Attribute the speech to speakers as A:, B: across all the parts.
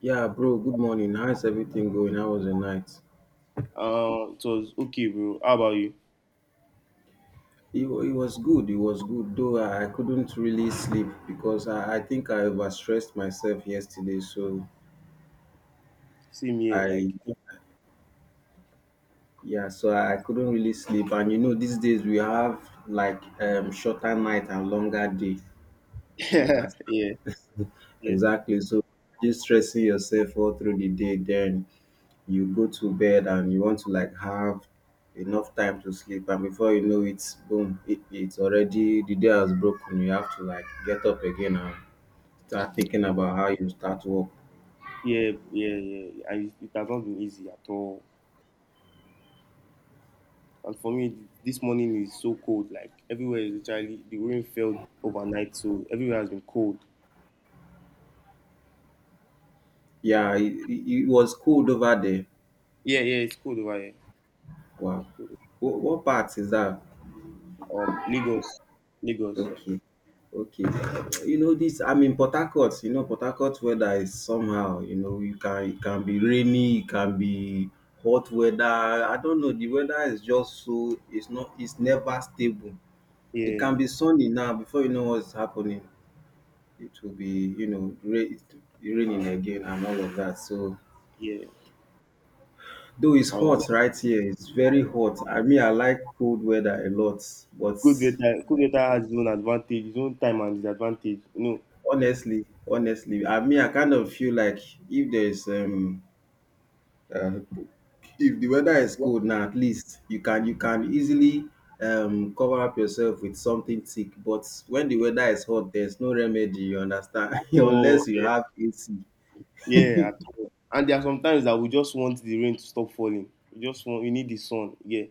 A: Yeah, bro, good morning. How's everything going? How was the night?
B: It was okay, bro. How about you?
A: It was good. It was good, though I couldn't really sleep because I think I overstressed myself yesterday.
B: Same here, like
A: I, yeah, so I couldn't really sleep. And you know, these days we have like shorter night and longer day. You
B: yeah,
A: understand?
B: yeah, yeah,
A: Exactly. So just stressing yourself all through the day, then you go to bed and you want to like have enough time to sleep, and before you know it boom, it's already the day has broken, you have to like get up again and start thinking about how you start work.
B: yeah, yeah. And it has not been easy at all. And for me, this morning is so cold. Like everywhere is literally the rain fell overnight, so everywhere has been cold.
A: Yeah, it was cold over there.
B: Yeah, yeah, it's cold over here.
A: Wow, what part is that?
B: Lagos, Lagos.
A: Okay, okay. You know this, I'm in Port Harcourt. You know Port Harcourt weather is somehow, you know, you can it can be rainy, it can be hot weather. I don't know, the weather is just so it's not, it's never stable. It can
B: Yeah,
A: be sunny now, before you know what's happening, it will be, you know, rain raining again and all of that. So
B: yeah.
A: though it's
B: I
A: hot
B: understand.
A: right here, it's very hot. I mean I like cold weather a lot, but
B: Good weather has its own advantage, its own time and disadvantage.
A: honestly, honestly, I mean, I kind of feel like if there's uh, if the weather is cold now, at least you can easily cover up yourself with something thick. But when the
B: Know,
A: weather is hot, there's no remedy. You understand?
B: at all.
A: Unless you
B: Yeah.
A: have AC.
B: Yeah, at all. And there are some times that we just want the rain to stop falling. We just want we need the sun. Yeah.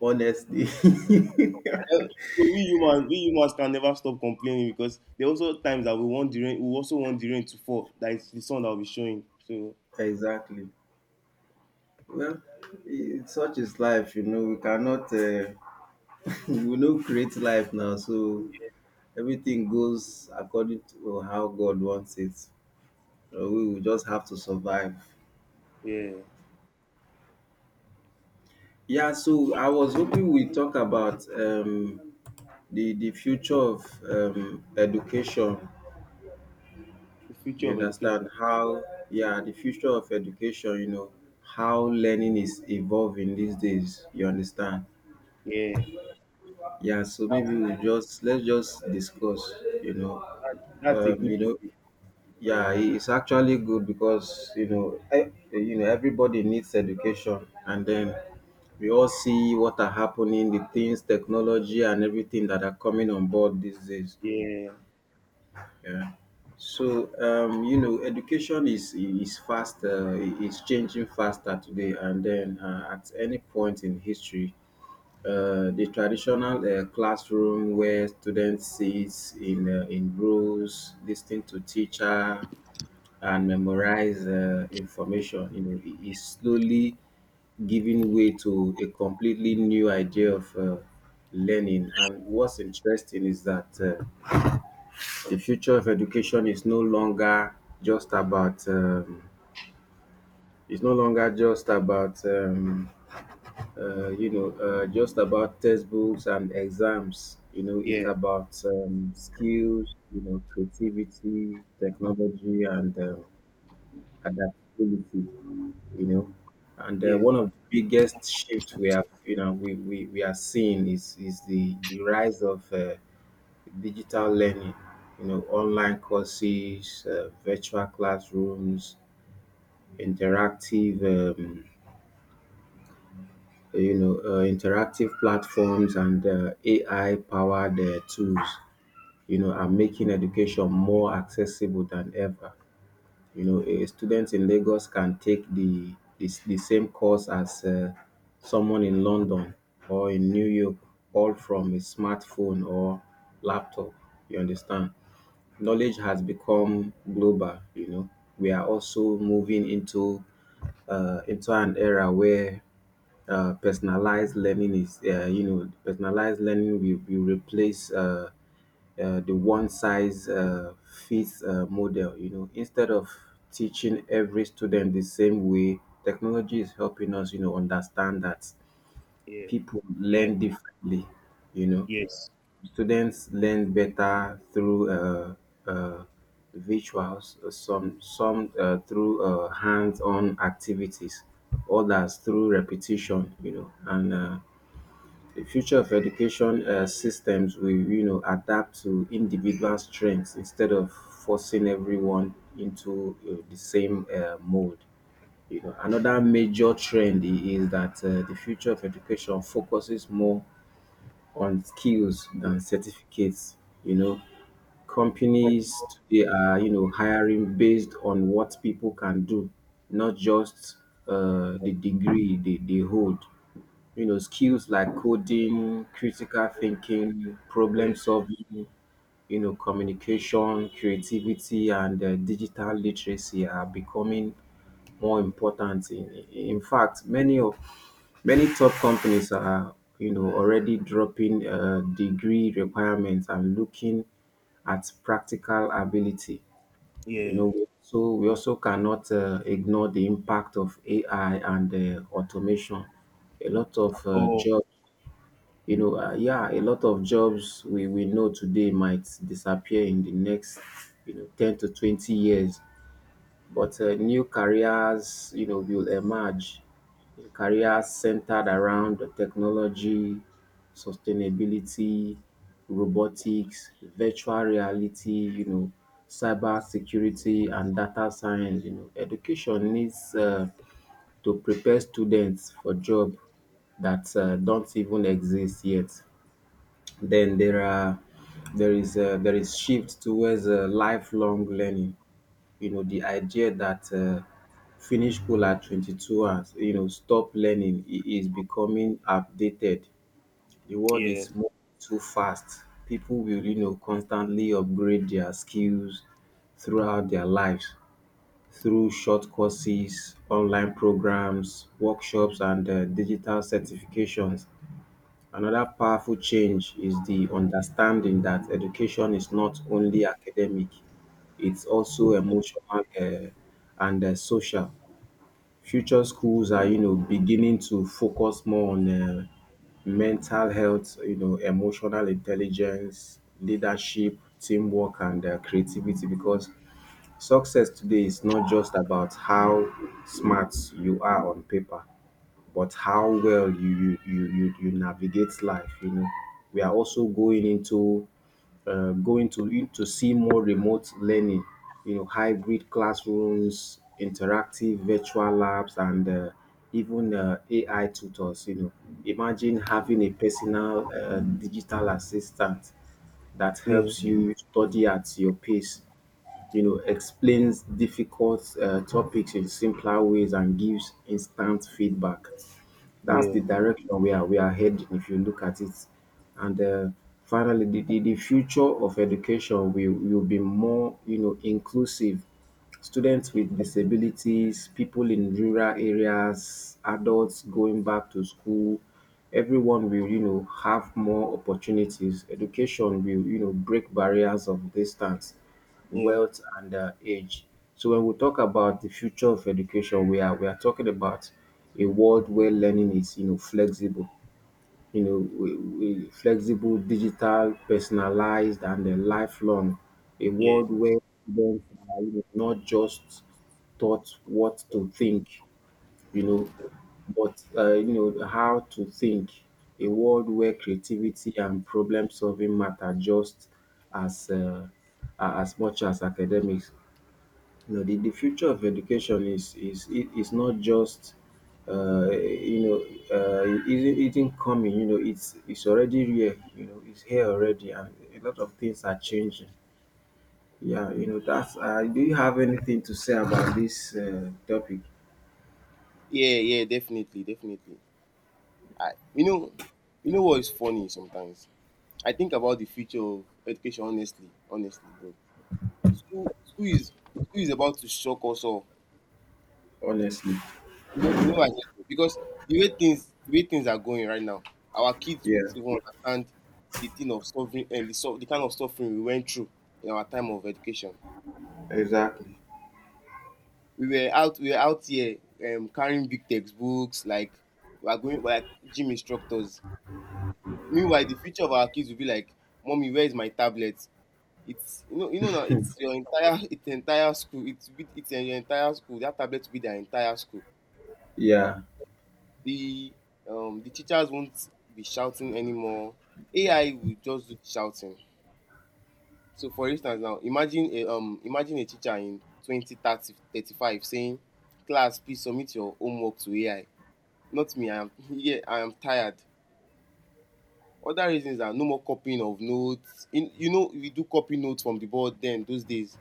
A: Honestly,
B: And then- So we humans can never stop complaining because there are also times that we also want the rain to fall. That is the sun that will be showing. So
A: exactly. Well, it, such is life. You know, we cannot, we no create life now, so everything goes according to how God wants it. We will just have to survive.
B: yeah.
A: Yeah, so I was hoping we talk about the future of education.
B: The future
A: You
B: of
A: understand
B: education.
A: how? Yeah, the future of education. You know how learning is evolving these days. You understand?
B: Yeah.
A: Yeah, so
B: That's
A: maybe we just, let's just discuss. You know,
B: that's a
A: um,
B: good
A: you know
B: topic.
A: yeah, it's actually good because you know, you know, everybody needs education, and then we all see what are happening, the things, technology, and everything that are coming on board these days.
B: Yeah.
A: Yeah. So you know, education is fast. It's changing faster today, and then at any point in history, the traditional classroom where students sit in rows, listening to teacher and memorize information, you know, it is slowly giving way to a completely new idea of learning. And what's interesting is that the future of education is no longer just about it's no longer just about you know just about textbooks and exams. You know, it's
B: Yeah.
A: about skills, you know, creativity, technology, and adaptability, you know. And
B: Yeah.
A: one of the biggest shifts we have, you know, we are seeing is the rise of digital learning, you know, online courses, virtual classrooms, interactive, you know, interactive platforms, and AI powered tools, you know, are making education more accessible than ever. You know, a student in Lagos can take the same course as someone in London or in New York, all from a smartphone or laptop, you understand. Knowledge has become global, you know. We are also moving into an era where personalized learning is you know, personalized learning will replace the one size fits model, you know, instead of teaching every student the same way, technology is helping us, you know, understand that
B: Yeah.
A: people
B: Yeah.
A: learn differently. You know,
B: Yes.
A: students learn better through uh, visuals, some through hands-on activities, others through repetition, you know. And the future of education systems will, you know, adapt to individual strengths instead of forcing everyone into the same mold. You know, another major trend is that the future of education focuses more on skills than certificates. You know, companies today are, you know, hiring based on what people can do, not just the degree they hold. You know, skills like coding, critical
B: Yeah.
A: thinking, problem
B: Yeah.
A: solving, you know, communication, creativity, and digital literacy are becoming more important. In fact, many of Many top companies are, you know, already dropping degree requirements and looking at practical ability. You
B: Yeah.
A: know, so we also cannot ignore the impact of AI and automation. A lot
B: At
A: of
B: all.
A: jobs, you know, yeah, a lot of jobs we know today might disappear in the next, you know, 10 to 20 years. But new careers, you know, will emerge. Careers centered around the technology, sustainability, robotics, virtual reality, you know, cyber security and data science. You know, education needs to prepare students for jobs that don't even exist yet. Then there are There is a, there is shift towards lifelong learning. You know, the idea that finish school at 22 hours, you know, stop learning is becoming outdated. The world
B: Yeah.
A: is moving too fast. People will, you know, constantly upgrade their skills throughout their lives through short courses, online programs, workshops, and digital certifications. Another powerful change is the understanding that education is not only academic, it's also emotional uh, and social. Future schools are, you know, beginning to focus more on mental health, you know, emotional intelligence, leadership, teamwork, and creativity. Because success today is not just about how smart you are on paper, but how well you navigate life, you know. We are also going into going to see more remote learning, you know, hybrid classrooms, interactive virtual labs, and even ai tutors, you know. Imagine having a personal digital assistant that
B: Yeah.
A: helps you study at your pace, you know, explains difficult topics in simpler ways and gives instant feedback. That's
B: Yeah.
A: the direction we are heading if you look at it. And finally, the, future of education will be more, you know, inclusive. Students with disabilities, people in rural areas, adults going back to school, everyone will, you know, have more opportunities. Education will, you know, break barriers of distance,
B: Yeah.
A: wealth, and age. So when we talk about the future of education, we are talking about a world where learning is, you know, flexible, flexible, digital, personalized, and lifelong. A
B: Yeah.
A: world where students are, you know, not just taught what to think, you know. But, you know, how to think, a world where creativity and problem solving matter just as as much as academics. You know, the future of education is it is not just uh, you know it isn't coming. You know, it's already here. You know, it's here already, and a lot of things are changing. Yeah, you know, that's. Do you have anything to say about this topic?
B: Yeah. Yeah, definitely, definitely. I, you know, you know what is funny sometimes? I think about the future of education honestly, honestly, bro. School is about to shock us all.
A: Honestly,
B: You know what I mean? Because the way things are going right now, our kids won't
A: yeah,
B: even understand the thing of suffering and the so the kind of suffering we went through in our time of education.
A: exactly.
B: We were out here carrying big textbooks, like we are like gym instructors. Meanwhile, the future of our kids will be like, "Mommy, where is my tablet?" It's you know now it's your entire it's entire school. It's your entire school. That tablet will be their entire school.
A: Yeah.
B: The the teachers won't be shouting anymore. AI will just do the shouting. So for instance now, imagine a teacher in 20, 30, 35 saying, "Class, please submit your homework to AI." Not me. I am yeah, I am tired. Other reasons are no more copying of notes. In, you know, we do copy notes from the board then those days.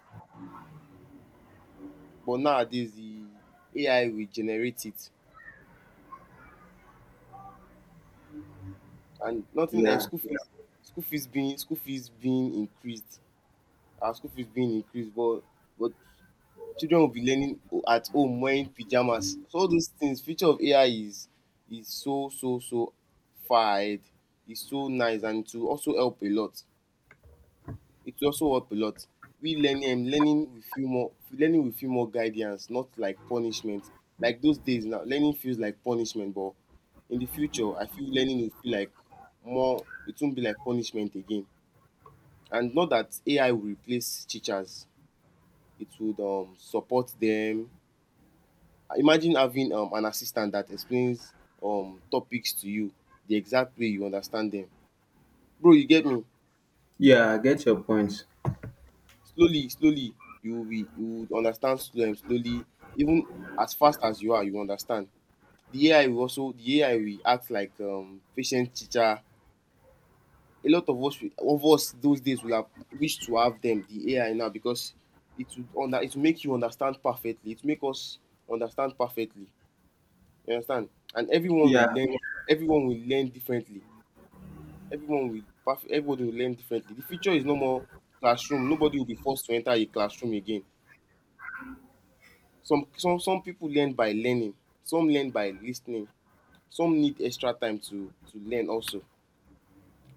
B: But nowadays the AI will generate it, and nothing like
A: Yeah.
B: school fees school fees being increased, our school fees being increased, but children will be learning o- at home wearing pyjamas. So all those things, future of AI is so so so far ahead. It's so nice and to also help a lot. It will also help a lot. We learning learning will feel more learning will feel more guidance, not like punishment. Like those days now, learning feels like punishment, but in the future, I feel learning will feel like more. It won't be like punishment again. And not that AI will replace teachers. It would support them. Imagine having an assistant that explains topics to you the exact way you understand them. Bro, you get me?
A: Yeah. I get your point.
B: Slowly, slowly, you will be you would understand slowly. Even as fast as you are, you understand. The AI will also the AI will act like patient teacher. A lot of us will- of us those days will have wished to have them, the AI now, because it will make you understand perfectly. It will make us understand perfectly. You understand? And everyone will
A: Yeah,
B: learn everyone will learn differently. Everyone will perf- everybody will learn differently. The future is no more classroom. Nobody will be forced to enter a classroom again. Some people learn by learning, some learn by listening, some need extra time to learn also.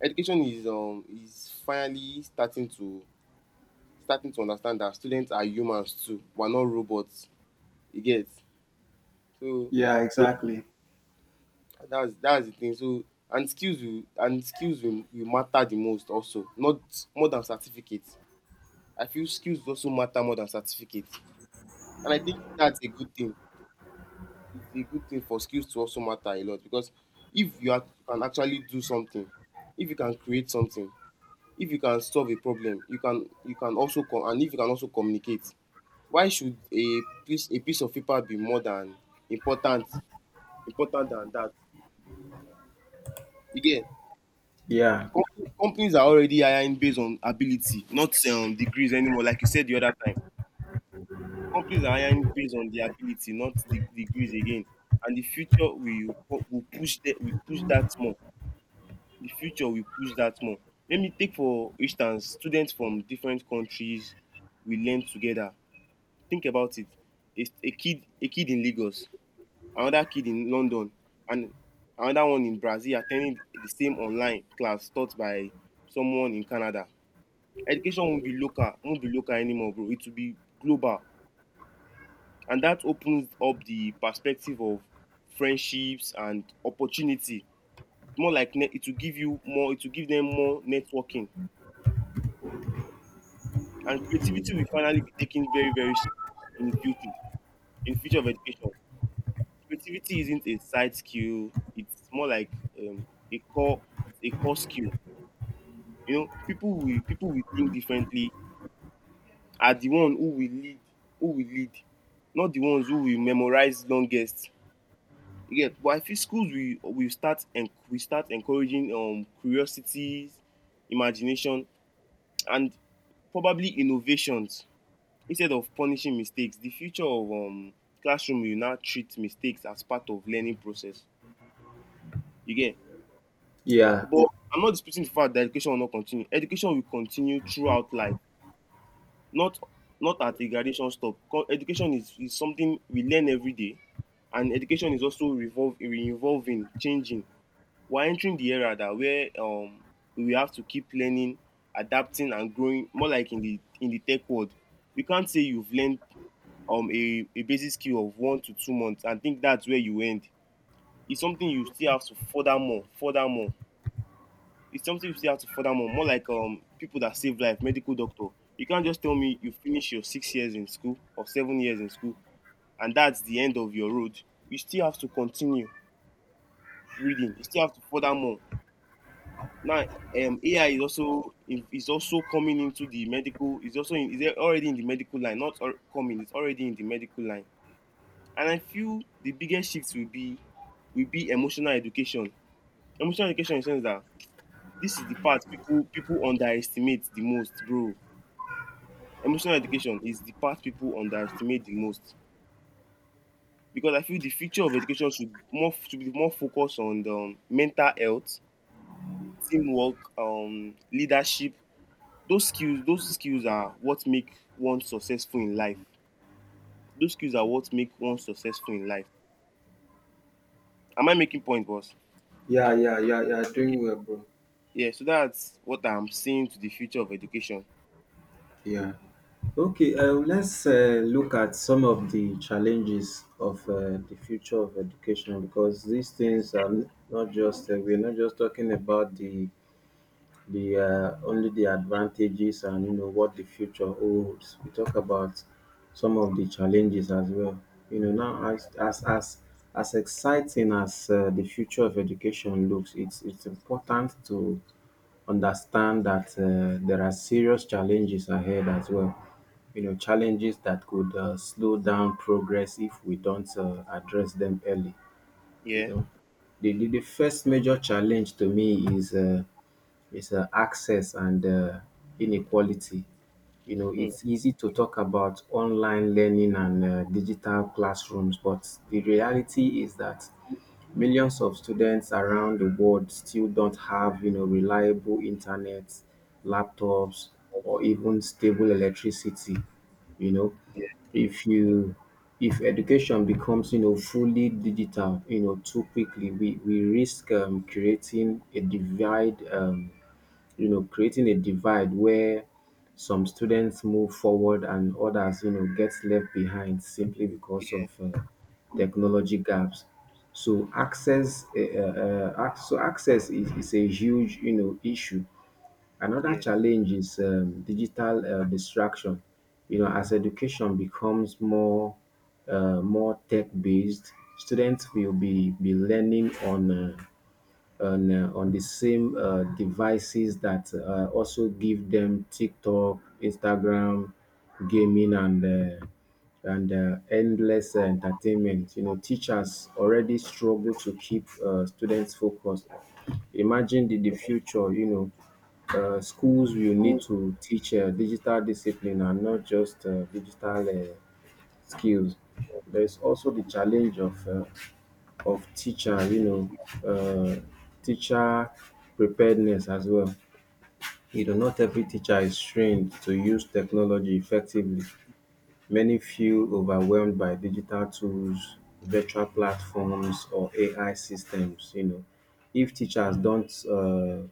B: Education is finally starting to understand that students are humans too. We're not robots, you get. So
A: yeah, exactly.
B: that's the thing. So and skills will matter the most, also not more than certificates. I feel skills also matter more than certificates, and I think that's a good thing. It's a good thing for skills to also matter a lot because if can actually do something, if you can create something, if you can solve a problem, you can also com- and if you can also communicate. Why should a piece of paper be more than important important than that? Again,
A: Yeah.
B: com- companies are already hiring based on ability, not degrees anymore. Like you said the other time, companies are hiring based on their ability, not the degrees again. And the future we push that more. The future will push that more. Let me take for instance students from different countries will learn together. Think about it. A kid in Lagos, another kid in London, and another one in Brazil attending the same online class taught by someone in Canada. Education won't be local anymore, bro. It will be global. And that opens up the perspective of friendships and opportunity. More like net, it will give them more networking. And creativity will finally be taken very very serious in the future, in future of education. Creativity isn't a side skill. It's more like um, a core. It's a core skill. You know, people will think differently, are the one who will lead, who will lead, not the ones who will memorize longest. Yeah, but I feel schools, we start encouraging curiosity, imagination, and probably innovations instead of punishing mistakes. The future of classroom will now treat mistakes as part of learning process, you get.
A: Yeah.
B: But I'm not disputing the fact that education will not continue. Education will continue throughout life, not at a graduation stop. Co- education is something we learn every day, and education is also revolve re-evolving, changing. We're entering the era that where we have to keep learning, adapting and growing, more like in the tech world. You can't say you've learned a basic skill of 1 to 2 months and think that's where you end. It's something you still have to further more, further more. It's something you still have to further more. More like people that save life, medical doctor. You can't just tell me you finish your 6 years in school or 7 years in school, and that's the end of your road. You still have to continue reading. You still have to further more. Now, AI is also coming into the medical. Is also in, is already in the medical line. Not al- coming. It's already in the medical line. And I feel the biggest shift will be emotional education. Emotional education in the sense that this is the part people underestimate the most, bro. Emotional education is the part people underestimate the most because I feel the future of education should be more focused on the mental health, teamwork, leadership. Those skills are what make one successful in life. Those skills are what make one successful in life. Am I making point, boss?
A: Yeah, yeah, yeah, yeah.
B: Ye-
A: Doing well, bro.
B: yeah, so that's what I'm seeing to the future of education.
A: Yeah. Okay. Let's look at some of the challenges of the future of education, because these things are not just we're not just talking about the only the advantages and you know what the future holds. We talk about some of the challenges as well. You know now as exciting as the future of education looks, it's important to understand that there are serious challenges ahead as well. You know, challenges that could slow down progress if we don't address them early, you
B: Yeah.
A: know. The first major challenge to me is access and inequality. You know,
B: Hmm.
A: it's easy to talk about online learning and digital classrooms, but the reality is that millions of students around the world still don't have, you know, reliable internet, laptops, or even stable electricity, you know.
B: Yeah,
A: if you if education becomes, you know, fully digital, you know, too quickly, we risk creating a divide, creating a divide where some students move forward and others, you know, get left behind simply because of
B: yeah,
A: technology gaps. So access, so access is a huge, you know, issue. Another
B: yeah,
A: challenge is digital distraction. You know, as education becomes more, more tech based, students will be learning on. On the same devices that also give them TikTok, Instagram, gaming, and uh, endless entertainment. You know, teachers already struggle to keep students focused. Imagine the future. Schools will need to teach digital discipline and not just digital skills. There is also the challenge of of teacher you know um teacher preparedness as well. You know, not every teacher is trained to use technology effectively. Many feel overwhelmed by digital tools, virtual platforms or AI systems. If teachers don't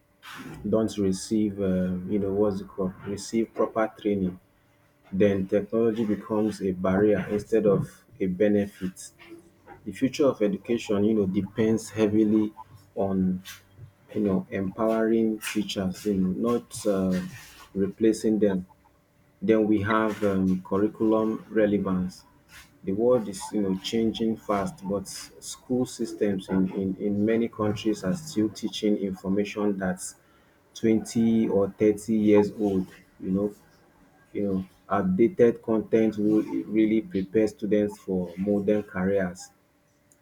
A: don't receive you know what's it called receive proper training, then technology becomes a barrier instead of a benefit. The future of education, you know, depends heavily on, you know, empowering teachers, you know, not replacing them. Then we have curriculum relevance. The world is, you know, changing fast, but school systems in many countries are still teaching information that's 20 or 30 years old. You know, you know, outdated content will really prepare students for modern careers,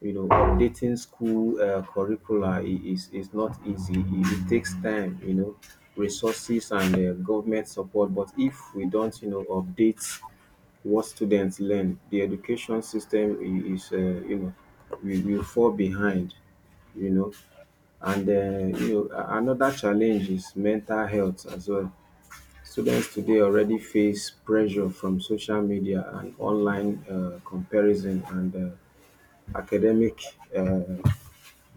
A: you know. Updating school curricula is not easy. It takes time, you know, resources and government support. But if we don't, you know, update what students learn, the education system, I- is you know, we will fall behind, you know. And you know, another challenge is mental health as well. Students today already face pressure from social media and online comparison and academic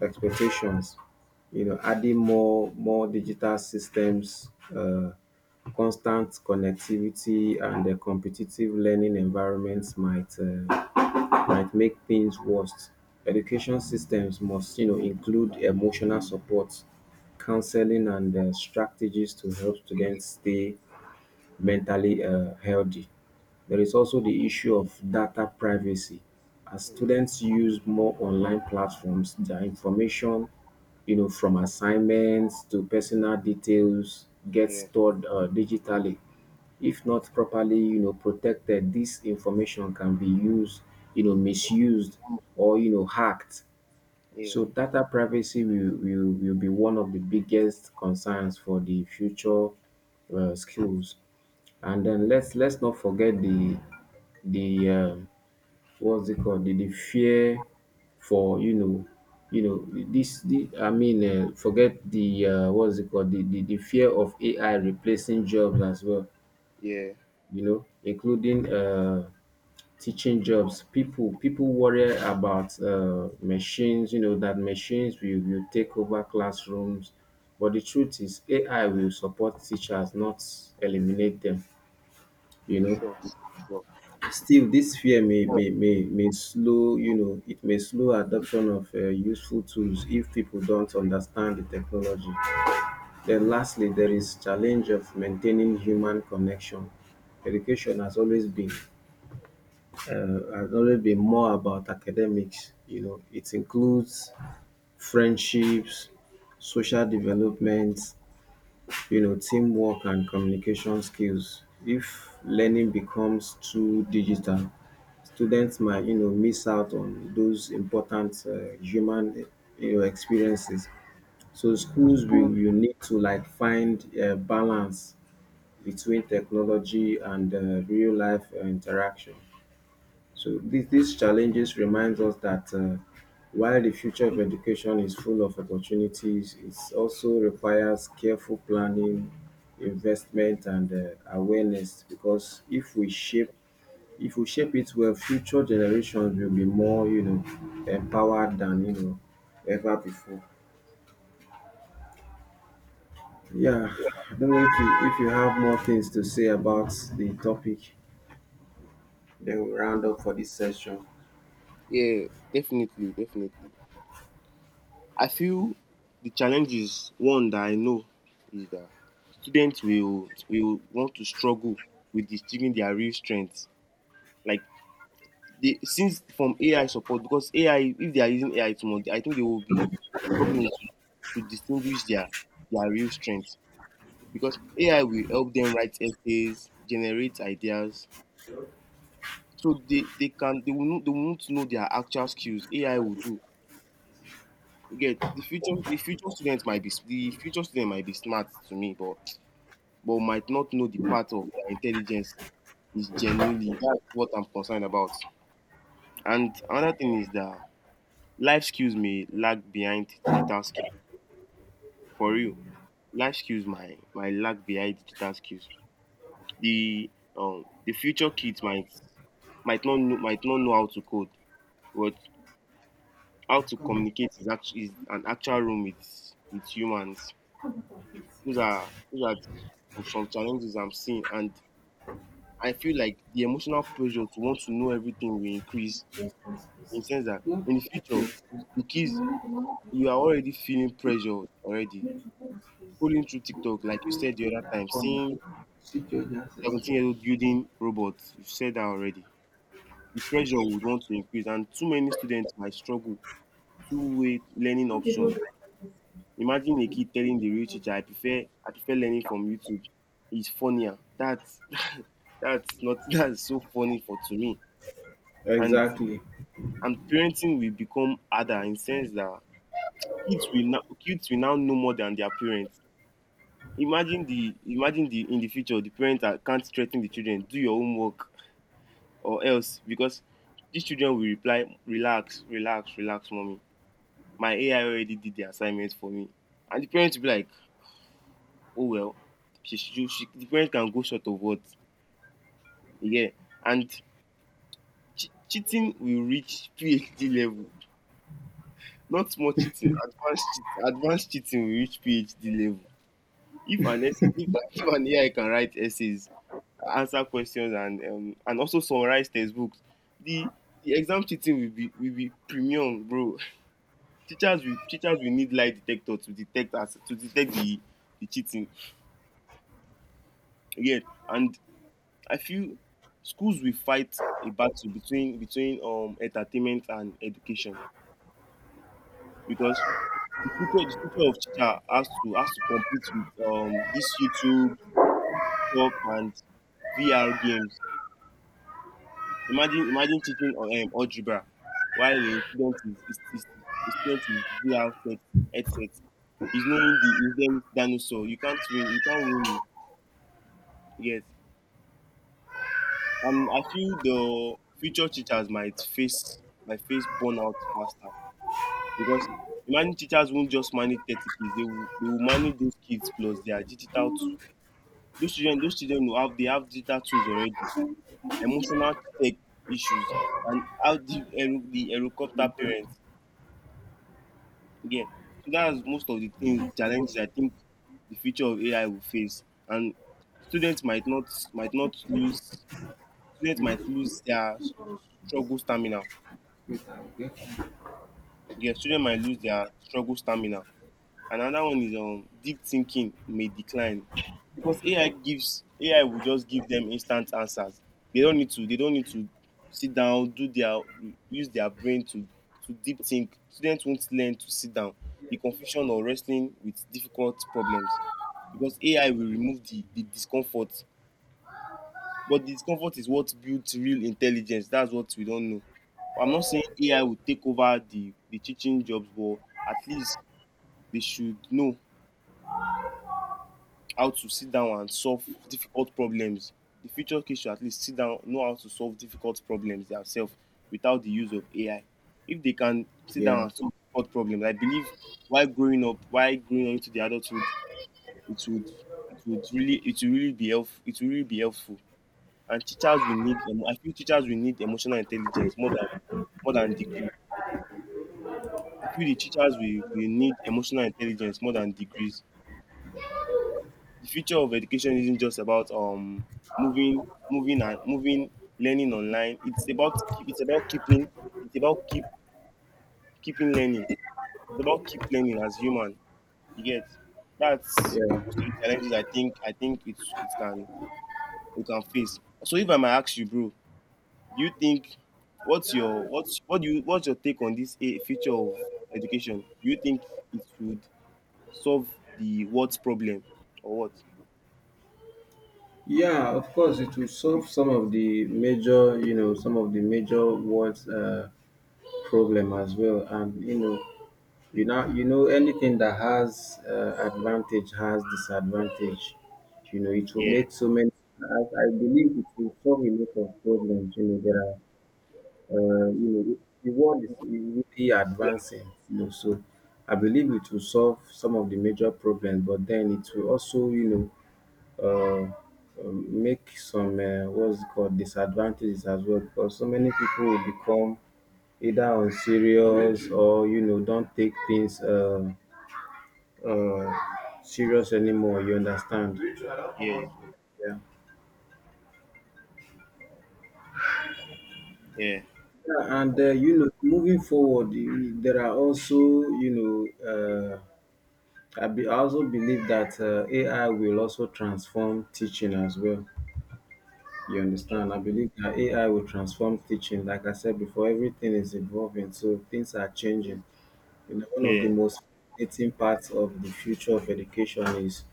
A: expectations. You know, adding more digital systems, uh, constant connectivity and a competitive learning environments might make things worse. Education systems must, you know, include emotional support, counseling and strategies to help students stay mentally healthy. There is also the issue of data privacy. As students use more online platforms, their information, you know, from assignments to personal details, gets
B: yeah,
A: stored digitally. If not properly, you know, protected, this information can be used, you know, misused or, you know, hacked.
B: yeah,
A: So data privacy will be one of the biggest concerns for the future skills. And then let's not forget the what's it called the fear for you know this the, I mean forget the what's it called the fear of AI replacing jobs as well,
B: yeah.
A: you know, including teaching jobs. People worry about machines, you know, that machines will take over classrooms. But the truth is, AI will support teachers, not eliminate them. You know,
B: Sure. Sure.
A: still this fear may
B: Sure.
A: may may, may slow, you know, it may slow adoption of useful tools if people don't understand the technology. Then lastly, there is challenge of maintaining human connection. Education has always been more about academics. You know, it includes friendships, social development, you know, teamwork and communication skills. If learning becomes too digital, students might, you know, miss out on those important human, you know, experiences. So schools will you need to like find a balance between technology and real life interaction. So these challenges reminds us that while the future of education is full of opportunities, it also requires careful planning, investment, and awareness. Because if we shape it well, future generations will be more, you know, empowered than, you know, ever before. Yeah, I don't know if you have more things to say about the topic, then we round up for this session.
B: Yeah, definitely, definitely. I feel the challenge is one that I know is that students will want to struggle with distinguishing their real strengths, like they since from AI support. Because AI, if they are using AI too much, I think they will be struggling to distinguish their real strengths because AI will help them write essays, generate ideas. So they will not, they won't know their actual skills. AI will do. You get. The future students might be s- the future student might be smart to me, but might not know the part of their intelligence is genuinely. That's what I'm concerned about. And another thing is that life skills may lag behind digital skills. For real, life skills might lag behind digital skills. The the future kids might might not know how to code, but how to communicate is actually is an actual room with humans. Those are of some challenges I'm seeing, and I feel like the emotional pressure to want to know everything will increase. In the sense that in the future, the kids we are already feeling pressure already. Scrolling through TikTok, like you said the other time, seeing 17-year-old building robots, you've said that already. The pressure would want to increase, and too many students might struggle. Two-way learning options. Imagine a kid telling the real teacher, "I prefer I prefer learning from YouTube. It's funnier." That's that's not that's so funny for to me. And
A: Exactly.
B: and parenting will become harder in sense that kids will now know more than their parents. Imagine the imagine the in the future the parents are, can't threaten the children, do your homework or else, because dis children will reply, relax, relax, relax mummy, my AI already did the assignment for me, and the parent will be like, oh well. She the parent can go short of what. You get. And cheating will reach PhD level. Not small cheating, advanced cheating will reach PhD level. If an AI can write essays, answer questions, and also summarize textbooks, the exam cheating will be premium, bro. Teachers will need lie detector to detect us, to detect the cheating, yeah. And I feel schools will fight a battle between entertainment and education, because the future of teacher has to compete with this YouTube, TikTok, and VR games. Imagine teaching algebra while a student is VR set, headset, he's knowing the hidden dinosaur. You can't win, you can't win. Yes. And I feel the future teachers might face burnout faster, because imagine teachers won't just manage 30 kids; they will manage those kids plus their digital tools. Those children will have they have digital tools already, emotional tech issues, and how the the helicopter parents again. So that's most of the things, challenges I think the future of AI will face, and students might not lose students might lose their struggle stamina. Yes, children might lose their struggle stamina. Another one is, deep thinking may decline, because AI will just give them instant answers. They don't need to sit down, do their use their brain to deep think. Students won't learn to sit down. The confusion or wrestling with difficult problems, because AI will remove the discomfort. But discomfort is what builds real intelligence. That's what we don't know. I'm not saying AI will take over the teaching jobs, but at least they should know how to sit down and solve difficult problems. The future kids should at least sit down, know how to solve difficult problems themselves without the use of AI. If they can sit down
A: Yeah.
B: and solve difficult problems, I believe, while growing up into the adulthood, it would, it would really it will really be helpful it will really be helpful. And teachers will need emotional intelligence more than, more than degrees. I feel the teachers will need emotional intelligence more than degrees. The future of education isn't just about, moving moving and moving learning online. It's about it's about keep keeping learning. It's about keep learning as human. You get. That's most
A: Yeah.
B: of the challenges I think it can, we can face. So if I might ask you, bro, do you think, what's what's your take on this, a future of education, do you think it should solve the, what problem, or what.
A: Yeah, of course, it will solve some of the major, you know, some of the major words problem as well. And you know, anything that has advantage has disadvantage. You know, it will
B: Yeah.
A: make so many. I believe it will solve a lot of problems. You know, there are, you know, the world is really
B: Yeah.
A: advancing, you know. So I believe it will solve some of the major problems, but then it will also, you know, uh, make some what's it called disadvantages as well, because so many people will become either unserious or, you know, don't take things uh, serious anymore. You understand?
B: Yeah.
A: Yeah. Yeah, and you know, moving forward, there are also, you know, I also believe that AI will also transform teaching as well. You understand? I believe that AI will transform teaching. Like I said before, everything is evolving, so things are changing. You know, one of the
B: Yeah.
A: most fascinating parts of the future of education is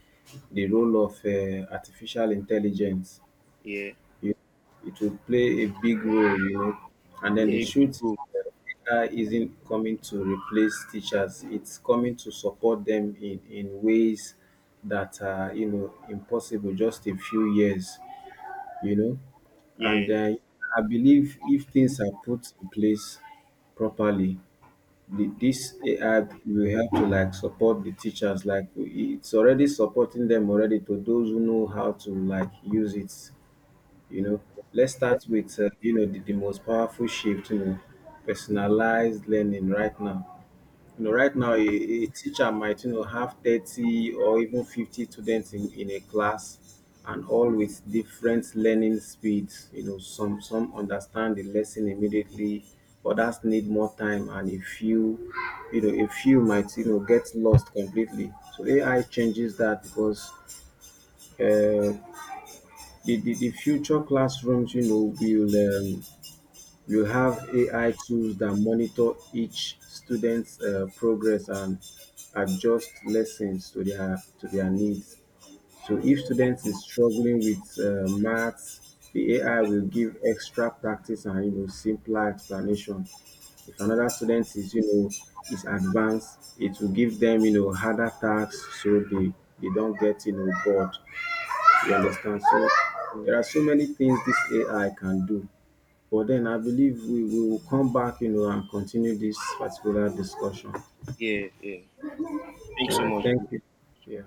A: the role of artificial intelligence.
B: Yeah.
A: You, it will play a big role, you know. And then the
B: Yeah, good
A: truth,
B: goal.
A: uh, AI isn't coming to replace teachers. It's coming to support them in ways that are, you know, impossible just a few years, you know. And
B: Yeah.
A: I believe if things are put in place properly, this AI will help to like support the teachers. Like it's already supporting them already to those who know how to like use it. You know, let's start with you know, the most powerful shift. You know, personalized learning right now. You know, right now, a teacher might, you know, have 30 or even 50 students in a class, and all with different learning speeds. You know, some understand the lesson immediately, others need more time, and a few, you know, a few might, you know, get lost completely. So AI changes that because uh, the future classrooms, you know, will you have AI tools that monitor each student's progress and adjust lessons to their needs. So if students is struggling with maths, the AI will give extra practice and, you know, simpler explanation. If another student is, you know, is advanced, it will give them, you know, harder tasks so they don't get, you know, bored. You understand? So there are so many things this AI can do. But then I believe we will come back, you know, and continue this particular discussion.
B: Yeah. Yeah.
A: All
B: Thanks so
A: right.
B: much.
A: Thank you. Yeah.